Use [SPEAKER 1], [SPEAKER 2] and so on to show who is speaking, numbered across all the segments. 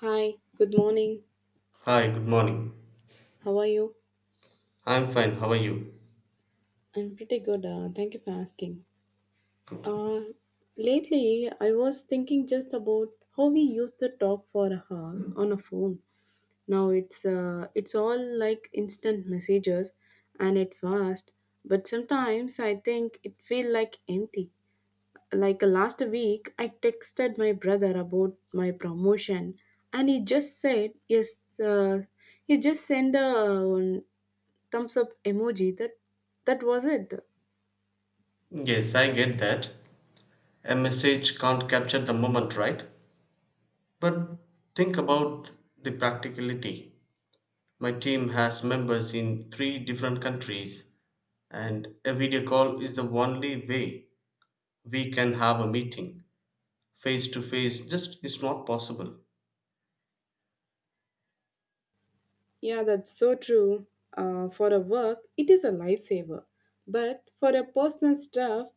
[SPEAKER 1] Hi, good morning.
[SPEAKER 2] Hi, good morning.
[SPEAKER 1] How are you?
[SPEAKER 2] I'm fine. How are you?
[SPEAKER 1] I'm pretty good. Thank you for asking.
[SPEAKER 2] Good.
[SPEAKER 1] Uh, Lately, I was thinking just about how we used to talk for hours on a phone. Now it's all like instant messages, and it fast. But sometimes I think it feel like empty. Like last week, I texted my brother about my promotion, and he just said yes. He just sent a thumbs up emoji that was it,
[SPEAKER 2] Yes, I get that. A message can't capture the moment, right? But think about the practicality. My team has members in three different countries, and a video call is the only way we can have a meeting. Face to face just is not possible.
[SPEAKER 1] yeah, that's so true. For a work it is a lifesaver, but for a personal stuff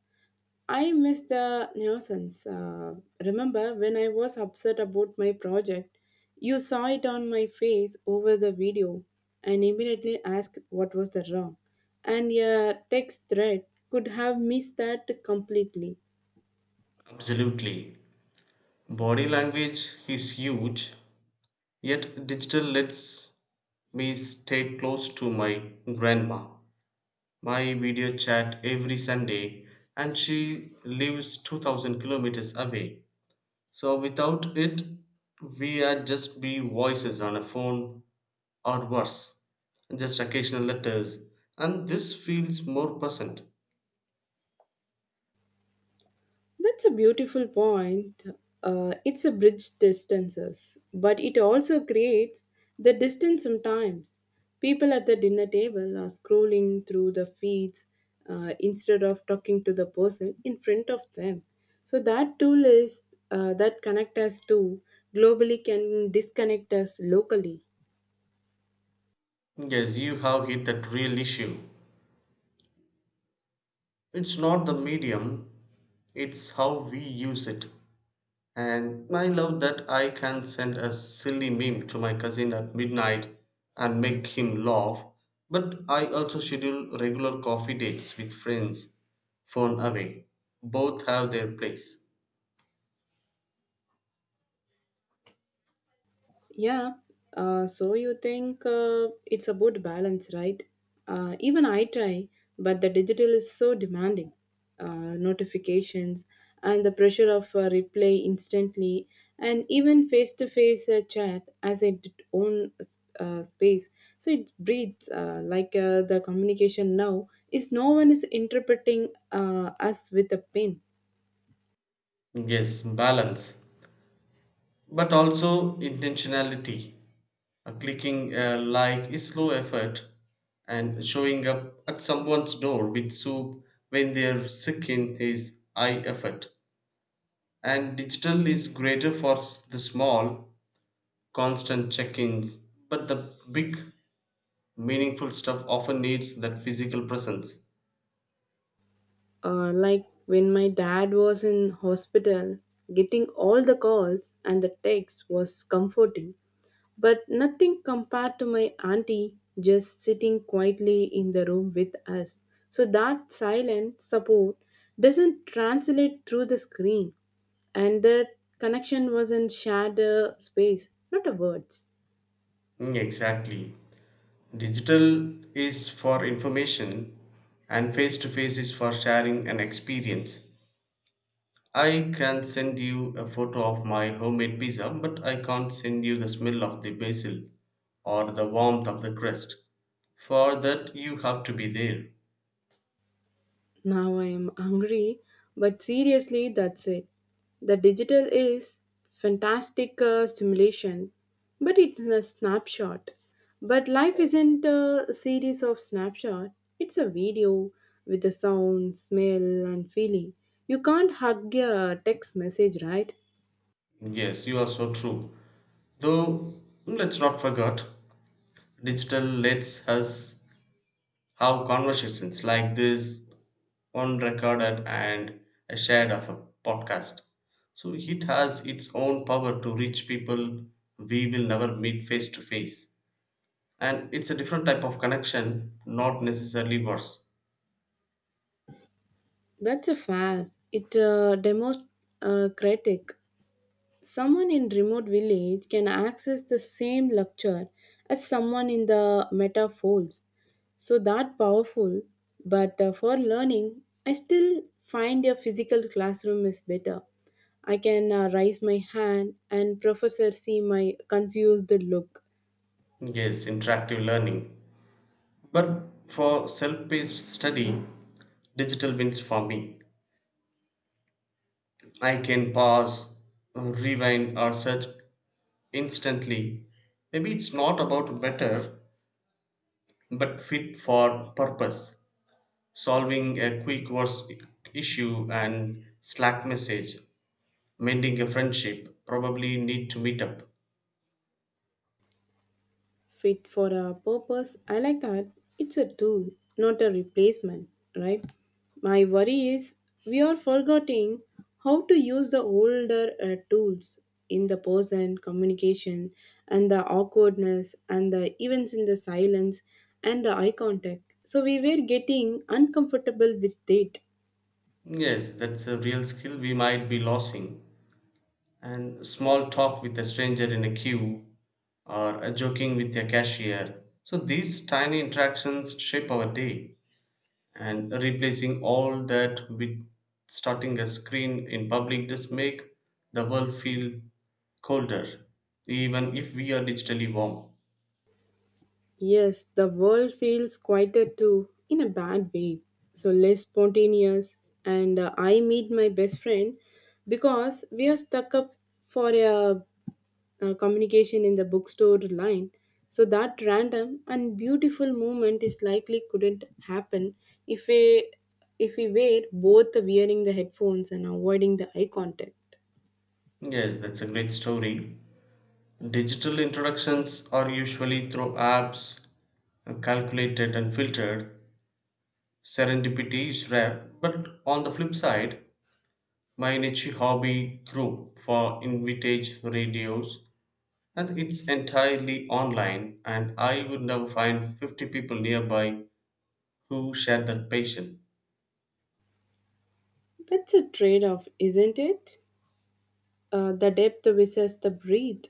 [SPEAKER 1] I miss the nuisance. Remember when I was upset about my project, you saw it on my face over the video and immediately asked what was the wrong, and a text thread could have missed that completely.
[SPEAKER 2] Absolutely. Body language is huge, yet digital lets me stay close to my grandma. My video chat every Sunday, and she lives 2000 kilometers away. So, without it, we are just be voices on a phone or worse, just occasional letters, and this feels more present.
[SPEAKER 1] That's a beautiful point. It's a bridge distances, but it also creates the distance sometimes. People at the dinner table are scrolling through the feeds instead of talking to the person in front of them. So that tool is that connect us to globally can disconnect us locally.
[SPEAKER 2] Yes, you have hit that real issue. It's not the medium, it's how we use it. And I love that I can send a silly meme to my cousin at midnight and make him laugh. But I also schedule regular coffee dates with friends, phone away. Both have their place.
[SPEAKER 1] Yeah. So you think it's a good balance, right? Even I try, but the digital is so demanding. Notifications and the pressure of replay instantly, and even face to face chat as its own space. So it breeds the communication now is no one is interpreting us with a pen.
[SPEAKER 2] Yes, balance, but also intentionality. Clicking a like is slow effort, and showing up at someone's door with soup when they're sick in is high effort. And digital is greater for the small, constant check ins, but the big, meaningful stuff often needs that physical presence.
[SPEAKER 1] Like when my dad was in hospital, getting all the calls and the texts was comforting, but nothing compared to my auntie just sitting quietly in the room with us. So that silent support doesn't translate through the screen, and the connection was in shared space, not a words.
[SPEAKER 2] Mm, exactly. Digital is for information, and face to face is for sharing an experience. I can send you a photo of my homemade pizza, but I can't send you the smell of the basil or the warmth of the crust. For that, you have to be there.
[SPEAKER 1] Now I am hungry, but seriously, that's it. The digital is fantastic simulation, but it's a snapshot. But life isn't a series of snapshot. It's a video with a sound, smell, and feeling. You can't hug a text message, right?
[SPEAKER 2] Yes, you are so true. Though, let's not forget, digital lets us how conversations like this unrecorded and a shared of a podcast, so it has its own power to reach people we will never meet face to face, and it's a different type of connection, not necessarily worse.
[SPEAKER 1] That's a fair. It demos critic. Someone in remote village can access the same lecture as someone in the metaphors. So that powerful, but for learning, I still find a physical classroom is better. I can raise my hand and professor see my confused look.
[SPEAKER 2] Yes, interactive learning, but for self-paced study digital wins for me. I can pause, rewind, or search instantly. Maybe it's not about better, but fit for purpose, solving a quick worst issue and Slack message, mending a friendship, probably need to meet up.
[SPEAKER 1] Fit for a purpose. I like that. It's a tool, not a replacement, right? My worry is we are forgetting how to use the older tools in the person communication and the awkwardness and the events in the silence and the eye contact. So we were getting uncomfortable with it.
[SPEAKER 2] Yes, that's a real skill we might be losing. And small talk with a stranger in a queue or a joking with a cashier. So these tiny interactions shape our day, and replacing all that with starting a screen in public just make the world feel colder, even if we are digitally warm.
[SPEAKER 1] Yes, the world feels quieter too, in a bad way. So less spontaneous. And I meet my best friend because we are stuck up for a communication in the bookstore line. So that random and beautiful moment is likely couldn't happen if we if we were both wearing the headphones and avoiding the eye contact.
[SPEAKER 2] Yes, that's a great story. Digital introductions are usually through apps, calculated and filtered. Serendipity is rare, but on the flip side, my niche hobby group for invitage radios, and it's entirely online, and I would never find 50 people nearby who share that passion.
[SPEAKER 1] That's a trade off, isn't it? The depth versus the breadth.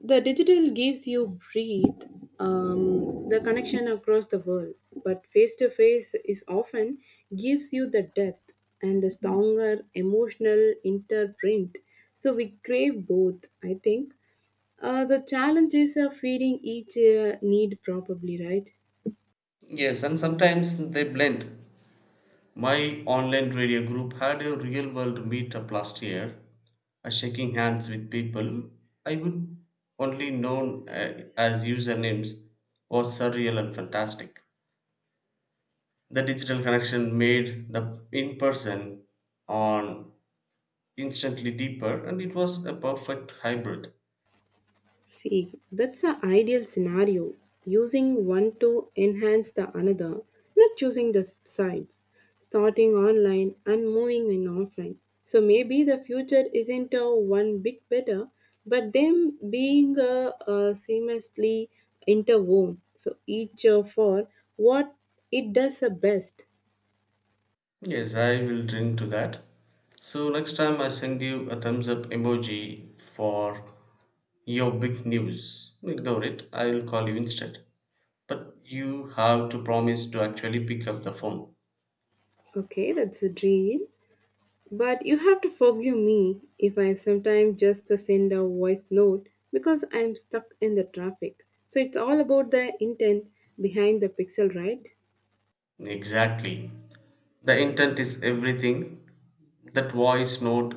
[SPEAKER 1] The digital gives you breathe, the connection across the world, but face to face is often gives you the depth and the stronger emotional interprint. So we crave both, I think. The challenge is of feeding each need, probably, right?
[SPEAKER 2] Yes, and sometimes they blend. My online radio group had a real world meetup last year, shaking hands with people I would only known as usernames, was surreal and fantastic. The digital connection made the in person on instantly deeper, and it was a perfect hybrid.
[SPEAKER 1] See, that's an ideal scenario. Using one to enhance the another, not choosing the sides, starting online and moving in offline. So maybe the future isn't a one bit better, but them being a seamlessly interwoven. So each for what it does the best.
[SPEAKER 2] Yes, I will drink to that. So next time I send you a thumbs up emoji for your big news. Ignore it, I'll call you instead. But you have to promise to actually pick up the phone.
[SPEAKER 1] Okay, that's a dream. But you have to forgive me if I am sometimes just send a voice note because I'm stuck in the traffic. So it's all about the intent behind the pixel, right?
[SPEAKER 2] Exactly. The intent is everything. That voice note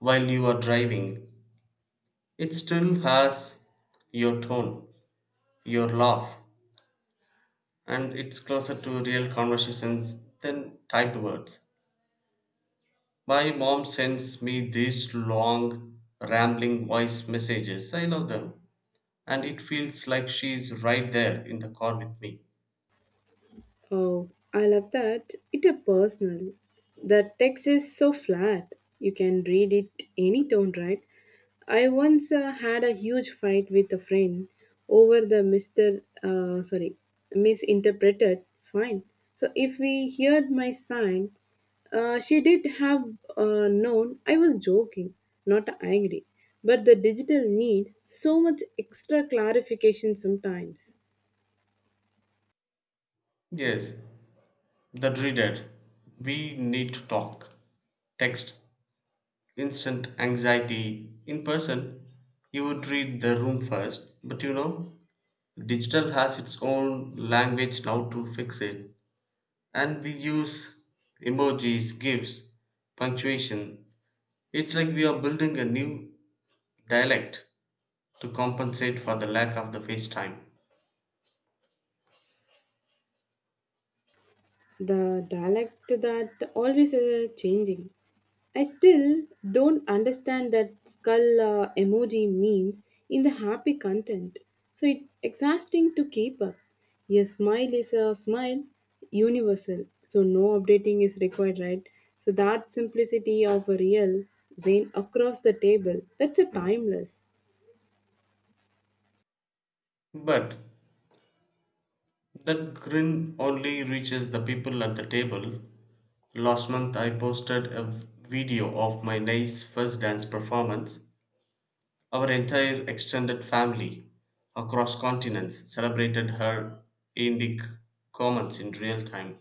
[SPEAKER 2] while you are driving, it still has your tone, your laugh, and it's closer to real conversations than typed words. My mom sends me these long, rambling voice messages. I love them. And it feels like she's right there in the car with me.
[SPEAKER 1] Oh, I love that. It a personal. The text is so flat. You can read it any tone, right? I once had a huge fight with a friend over the Mr., sorry, misinterpreted fine. So if we heard my sign, she did have known I was joking, not angry. But the digital need so much extra clarification sometimes.
[SPEAKER 2] Yes, the dreaded. We need to talk. Text, instant anxiety. In person, you would read the room first. But you know, digital has its own language now to fix it. And we use emojis, GIFs, punctuation. It's like we are building a new dialect to compensate for the lack of the face time.
[SPEAKER 1] The dialect that always changing. I still don't understand that skull emoji means in the happy content. So it's exhausting to keep up. Your smile is a smile universal. So no updating is required, right? So that simplicity of a real Zen across the table, that's a timeless.
[SPEAKER 2] But that grin only reaches the people at the table. Last month, I posted a video of my niece's first dance performance. Our entire extended family across continents celebrated her in the comments in real time.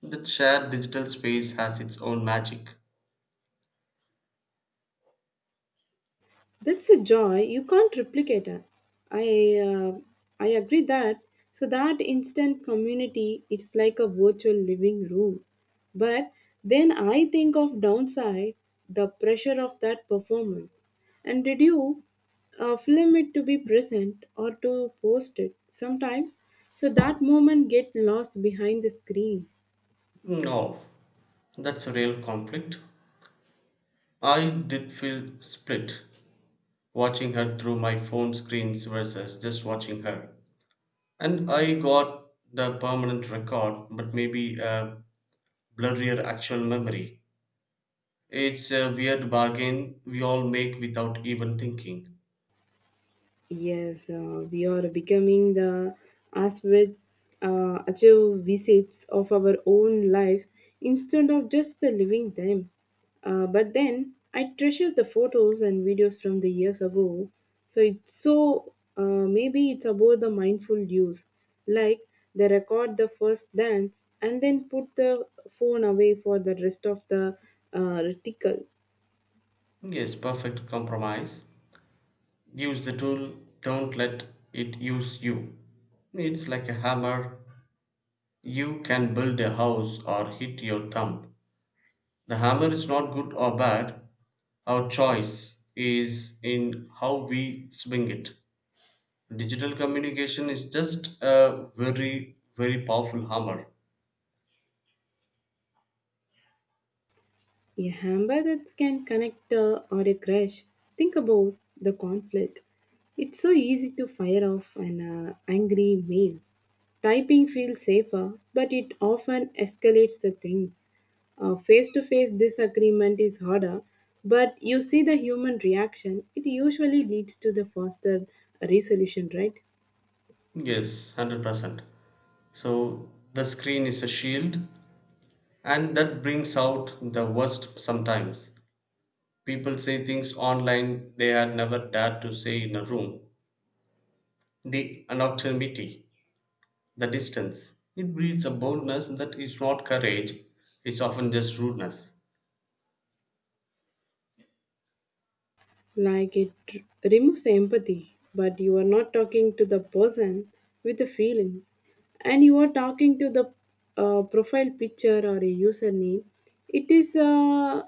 [SPEAKER 2] That shared digital space has its own magic.
[SPEAKER 1] That's a joy you can't replicate. It. I uh, I agree that so that instant community it's like a virtual living room. But then I think of downside the pressure of that performance. And did you film it to be present or to post it sometimes? So that moment get lost behind the screen.
[SPEAKER 2] No, that's a real conflict. I did feel split watching her through my phone screens versus just watching her. And I got the permanent record, but maybe a blurrier actual memory. It's a weird bargain we all make without even thinking.
[SPEAKER 1] Yes, we are becoming the as with achieve visits of our own lives instead of just living them. But then I treasure the photos and videos from the years ago. So it's so maybe it's about the mindful use, like they record the first dance and then put the phone away for the rest of the reticle.
[SPEAKER 2] Yes, perfect compromise. Use the tool, don't let it use you. It's like a hammer. You can build a house or hit your thumb. The hammer is not good or bad; our choice is in how we swing it. Digital communication is just a very powerful hammer.
[SPEAKER 1] A hammer that can connect or a crash. Think about the conflict. It's so easy to fire off an angry mail. Typing feels safer, but it often escalates the things. Face to face disagreement is harder, but you see the human reaction, it usually leads to the faster resolution, right?
[SPEAKER 2] Yes, 100%. So the screen is a shield, and that brings out the worst sometimes. People say things online they had never dared to say in a room. The anonymity, the distance, it breeds a boldness that is not courage, it's often just rudeness.
[SPEAKER 1] Like it removes empathy, but you are not talking to the person with the feelings, and you are talking to the profile picture or a username. It is uh,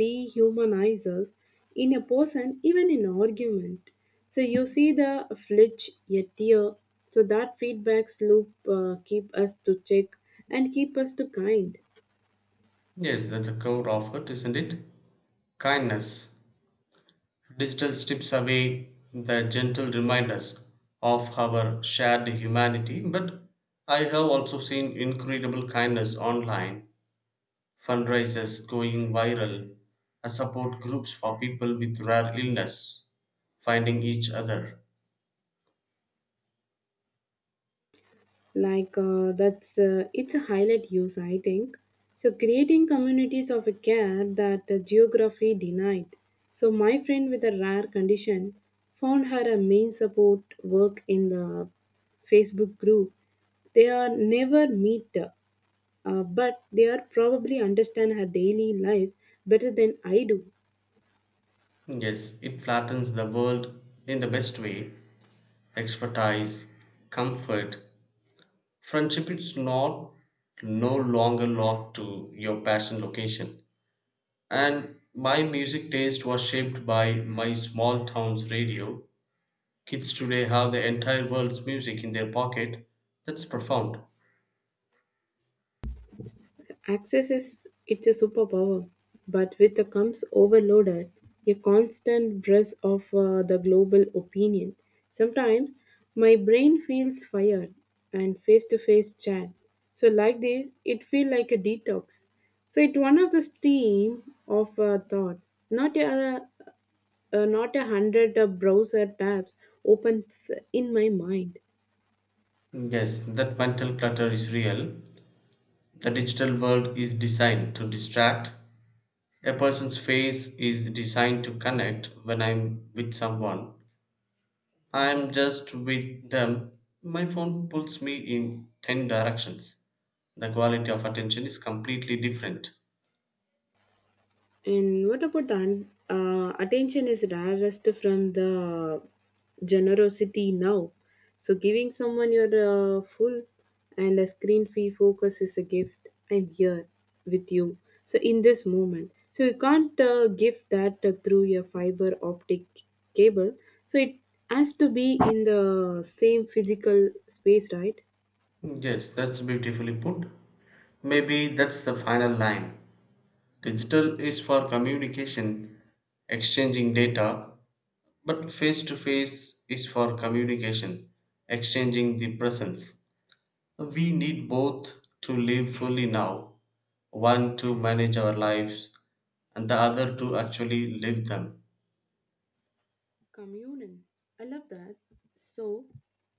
[SPEAKER 1] dehumanizes in a person, even in argument. So you see the flinch, a tear. So that feedbacks loop keep us to check and keep us to kind.
[SPEAKER 2] Yes, that's the core of it, isn't it? Kindness. Digital strips away the gentle reminders of our shared humanity, but I have also seen incredible kindness online, fundraisers going viral, support groups for people with rare illness, finding each other.
[SPEAKER 1] Like that's it's a highlight use I think, so creating communities of care that geography denied. So my friend with a rare condition found her a main support work in the Facebook group. They are never meet, but they are probably understand her daily life better than I do.
[SPEAKER 2] Yes, it flattens the world in the best way. Expertise, comfort, friendship is not no longer locked to your passion location. And my music taste was shaped by my small town's radio. Kids today have the entire world's music in their pocket. That's profound.
[SPEAKER 1] Access is it's a superpower, but with it comes overloaded, a constant breath of the global opinion. Sometimes my brain feels fired and face-to-face chat. So like this, it feels like a detox. So it's one of the stream of thought, not a not a hundred browser tabs opens in my mind.
[SPEAKER 2] Yes, that mental clutter is real. The digital world is designed to distract. A person's face is designed to connect. When I'm with someone, I'm just with them. My phone pulls me in 10 directions. The quality of attention is completely different.
[SPEAKER 1] And what about the attention is rarest from the generosity now. So giving someone your full and a screen free focus is a gift. I'm here with you. So in this moment, so you can't give that through your fiber optic cable. So it has to be in the same physical space, right?
[SPEAKER 2] Yes, that's beautifully put. Maybe that's the final line. Digital is for communication, exchanging data, but face to face is for communication, exchanging the presence. We need both to live fully now, one to manage our lives, and the other to actually live them.
[SPEAKER 1] Communion. I love that. So,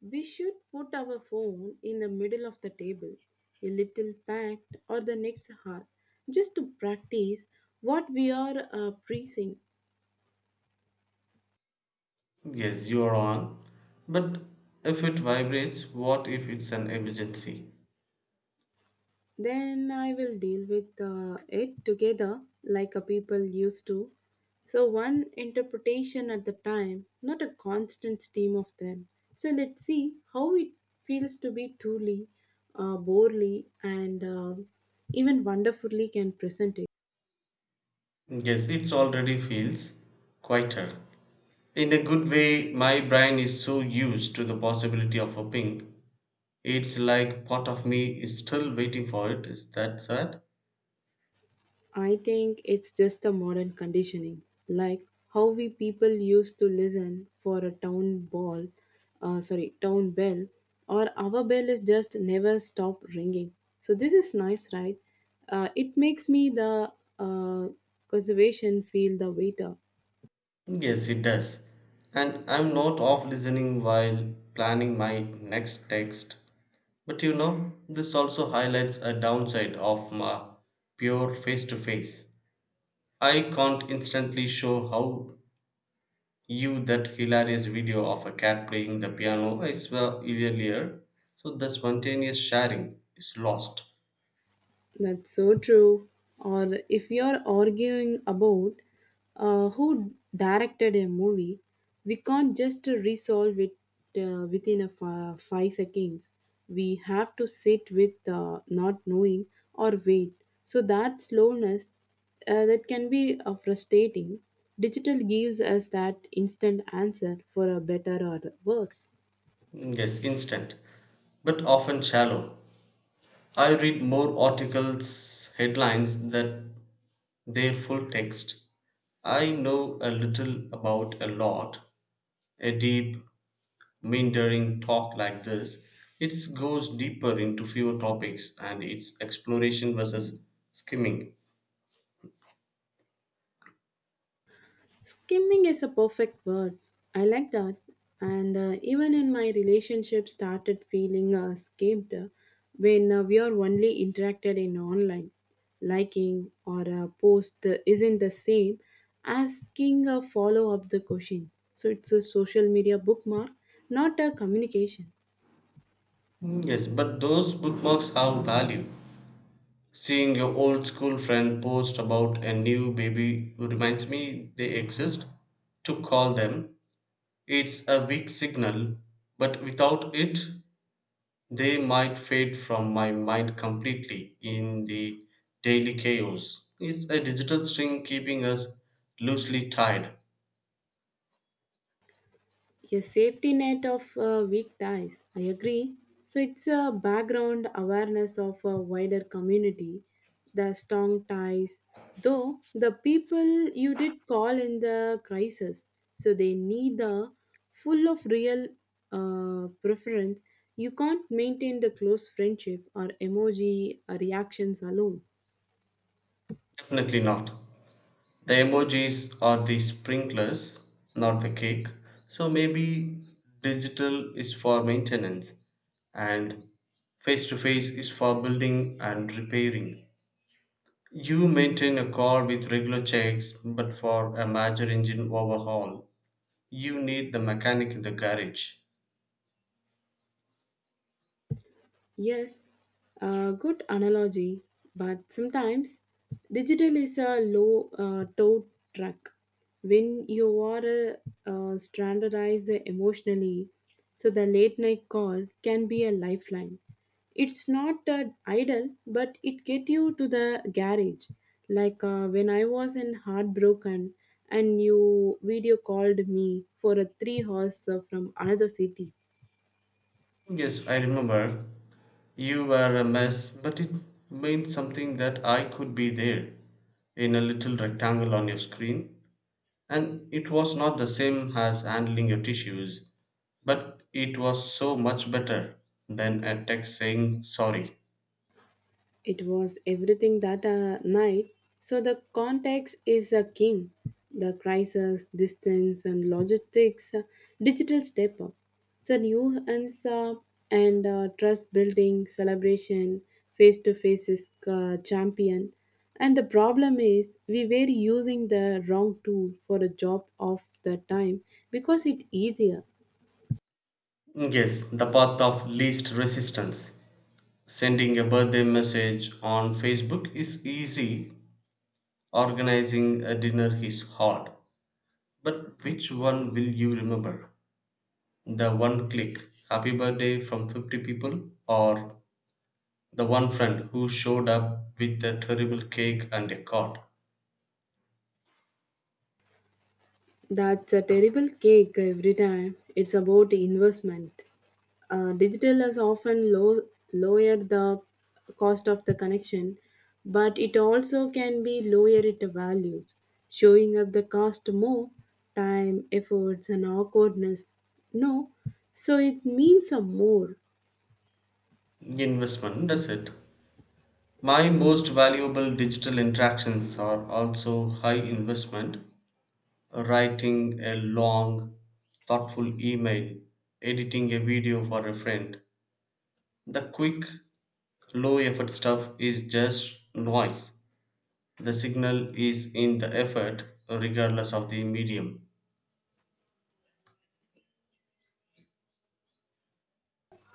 [SPEAKER 1] we should put our phone in the middle of the table, a little packed or the next heart, just to practice what we are preaching.
[SPEAKER 2] Yes, you are on. But if it vibrates, what if it's an emergency?
[SPEAKER 1] Then I will deal with it together like a people used to. So, one interpretation at the time, not a constant stream of them. So, let's see how it feels to be truly, borely, and even wonderfully can present it.
[SPEAKER 2] Yes, it already feels quieter. In a good way, my brain is so used to the possibility of a ping. It's like part of me is still waiting for it. Is that sad?
[SPEAKER 1] I think it's just a modern conditioning, like how we people used to listen for a town ball, sorry, town bell, or our bell is just never stop ringing. So this is nice, right? It makes me the uh, conservation feel the waiter.
[SPEAKER 2] Yes, it does. And I'm not off listening while planning my next text. But you know, this also highlights a downside of my pure face to face. I can't instantly show how you that hilarious video of a cat playing the piano I saw earlier. So the spontaneous sharing is lost.
[SPEAKER 1] That's so true. Or if you're arguing about who directed a movie, we can't just resolve it within a 5 seconds. We have to sit with not knowing or wait. So that slowness that can be frustrating. Digital gives us that instant answer for a better or worse.
[SPEAKER 2] Yes, instant, but often shallow. I read more articles, headlines that their full text. I know a little about a lot, a deep meandering talk like this, it goes deeper into fewer topics, and it's exploration versus skimming.
[SPEAKER 1] Skimming is a perfect word. I like that. And even in my relationship, started feeling skimmed, when we are only interacted in online. Liking or a post isn't the same asking a follow up the question. So it's a social media bookmark, not a communication.
[SPEAKER 2] Mm, yes, but those bookmarks have value. Seeing your old school friend post about a new baby reminds me they exist. To call them, it's a weak signal, but without it, they might fade from my mind completely in the daily chaos. It's a digital string keeping us loosely tied.
[SPEAKER 1] A safety net of weak ties. I agree. So it's a background awareness of a wider community, the strong ties. Though the people you did call in the crisis, so they need the full of real preference. You can't maintain the close friendship or emoji reactions alone.
[SPEAKER 2] Definitely not. The emojis are the sprinklers, not the cake. So maybe digital is for maintenance and face to face is for building and repairing. You maintain a car with regular checks, but for a major engine overhaul, you need the mechanic in the garage.
[SPEAKER 1] Yes, a good analogy, but sometimes digital is a low tow truck. When you are standardized emotionally, so the late night call can be a lifeline. It's not idle, but it get you to the garage. Like when I was in heartbroken, and you video called me for a 3 hours from another city.
[SPEAKER 2] Yes, I remember. You were a mess, but it meant something that I could be there in a little rectangle on your screen. And it was not the same as handling your tissues, but it was so much better than a text saying sorry.
[SPEAKER 1] It was everything that night, so the context is a king. The crisis, distance, and logistics, digital step up. So new and sub and trust building celebration, face to face is champion. And the problem is we were using the wrong tool for a job of the time because it's easier.
[SPEAKER 2] Yes, the path of least resistance. Sending a birthday message on Facebook is easy, organizing a dinner is hard. But which one will you remember? The one click, happy birthday from 50 people, or the one friend who showed up with a terrible cake and a card?
[SPEAKER 1] That's a terrible cake every time. It's about investment. Digital is often low, lower the cost of the connection, but it also can be lower it values, showing up the cost more time, efforts, and awkwardness. No, so it means a more.
[SPEAKER 2] Investment, that's it. My most valuable digital interactions are also high investment. Writing a long, thoughtful email, editing a video for a friend. The quick, low effort stuff is just noise. The signal is in the effort, regardless of the medium.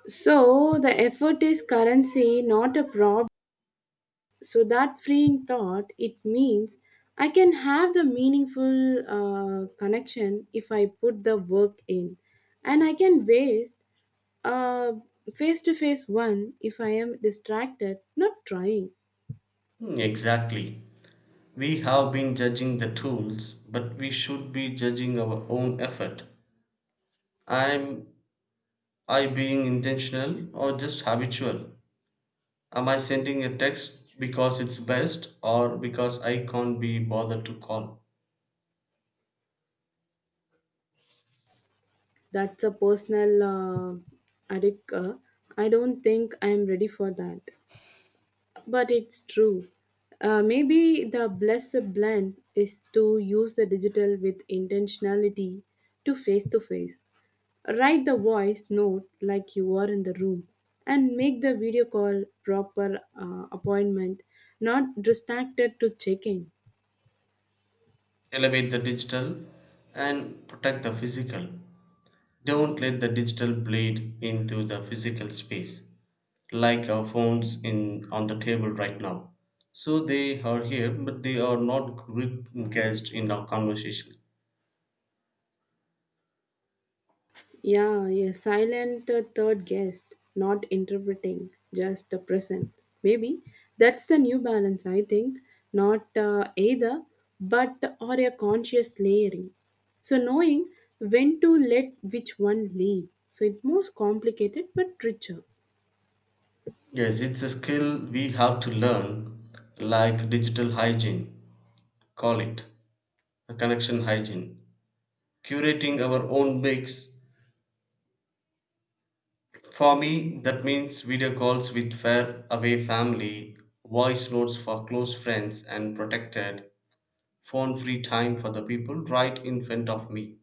[SPEAKER 1] So the effort is currency, not a problem. So that freeing thought it means I can have the meaningful connection if I put the work in, and I can waste a face to face one if I am distracted not trying.
[SPEAKER 2] Hmm, exactly. We have been judging the tools, but we should be judging our own effort. I'm I being intentional or just habitual? Am I sending a text because it's best or because I can't be bothered to call?
[SPEAKER 1] That's a personal addict, I don't think I am ready for that, but it's true. Maybe the blessed blend is to use the digital with intentionality to face to face. Write the voice note like you are in the room and make the video call proper appointment, not distracted to check in.
[SPEAKER 2] Elevate the digital and protect the physical. Don't let the digital bleed into the physical space like our phones in on the table right now. So they are here, but they are not guests in our conversation.
[SPEAKER 1] Yeah, a silent third guest, not interpreting, just the present. Maybe that's the new balance, I think. Not either, but or a conscious layering. So knowing when to let which one lead. So it's more complicated but richer.
[SPEAKER 2] Yes, it's a skill we have to learn, like digital hygiene, call it. Connection hygiene, curating our own mix. For me that means video calls with far away family, voice notes for close friends, and protected phone free time for the people right in front of me.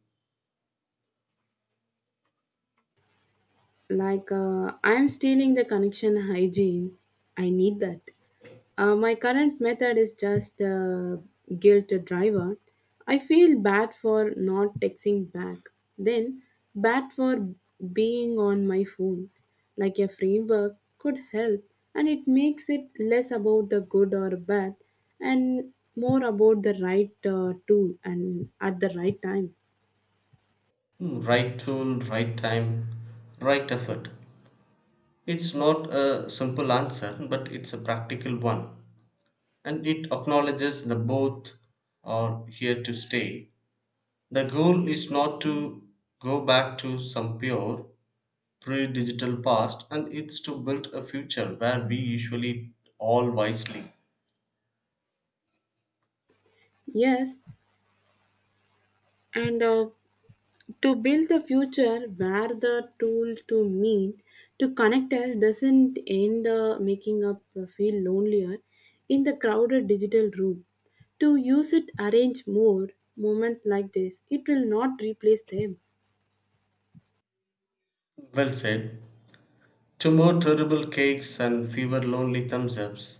[SPEAKER 1] Like, I'm stealing the connection hygiene. I need that. My current method is just a guilt driver. I feel bad for not texting back, then bad for being on my phone. Like a framework could help, and it makes it less about the good or bad and more about the right tool and at the right time.
[SPEAKER 2] Hmm, right tool, right time, right effort. It's not a simple answer, but it's a practical one, and it acknowledges the both are here to stay. The goal is not to go back to some pure pre-digital past, and it's to build a future where we usually all wisely.
[SPEAKER 1] Yes, and to build the future where the tool to meet, to connect us doesn't end the making up feel lonelier in the crowded digital room, to use it arrange more moments like this it will not replace them.
[SPEAKER 2] Well said. Two more terrible cakes and fewer lonely thumbs ups.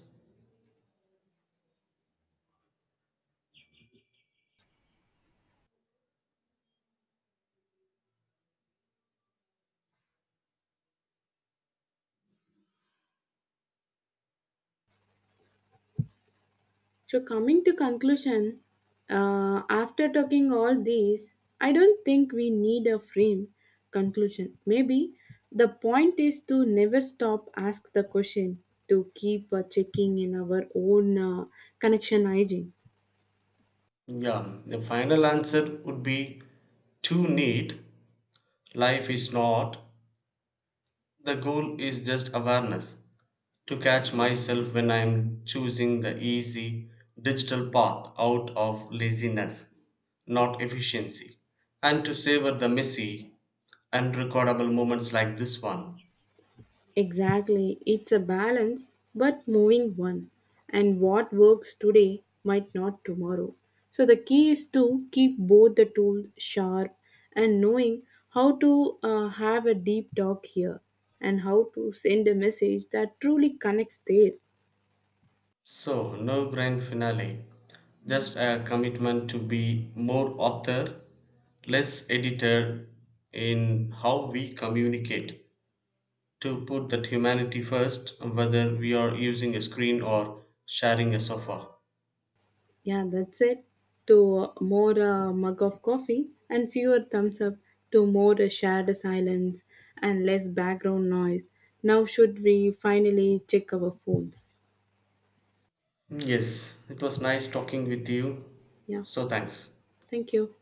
[SPEAKER 1] So coming to conclusion, after talking all these, I don't think we need a frame conclusion. Maybe the point is to never stop ask the question, to keep checking in our own connection hygiene.
[SPEAKER 2] Yeah, the final answer would be too neat. Life is not. The goal is just awareness. To catch myself when I'm choosing the easy digital path out of laziness, not efficiency, and to savor the messy, unrecordable moments like this one.
[SPEAKER 1] Exactly, it's a balance but moving one, and what works today might not tomorrow. So, the key is to keep both the tools sharp and knowing how to have a deep talk here and how to send a message that truly connects there.
[SPEAKER 2] So, no grand finale, just a commitment to be more author, less editor in how we communicate, to put that humanity first, whether we are using a screen or sharing a sofa.
[SPEAKER 1] Yeah, that's it. To more mug of coffee and fewer thumbs up, to more shared silence and less background noise. Now, should we finally check our phones?
[SPEAKER 2] Yes, it was nice talking with you.
[SPEAKER 1] Yeah.
[SPEAKER 2] So, thanks.
[SPEAKER 1] Thank you.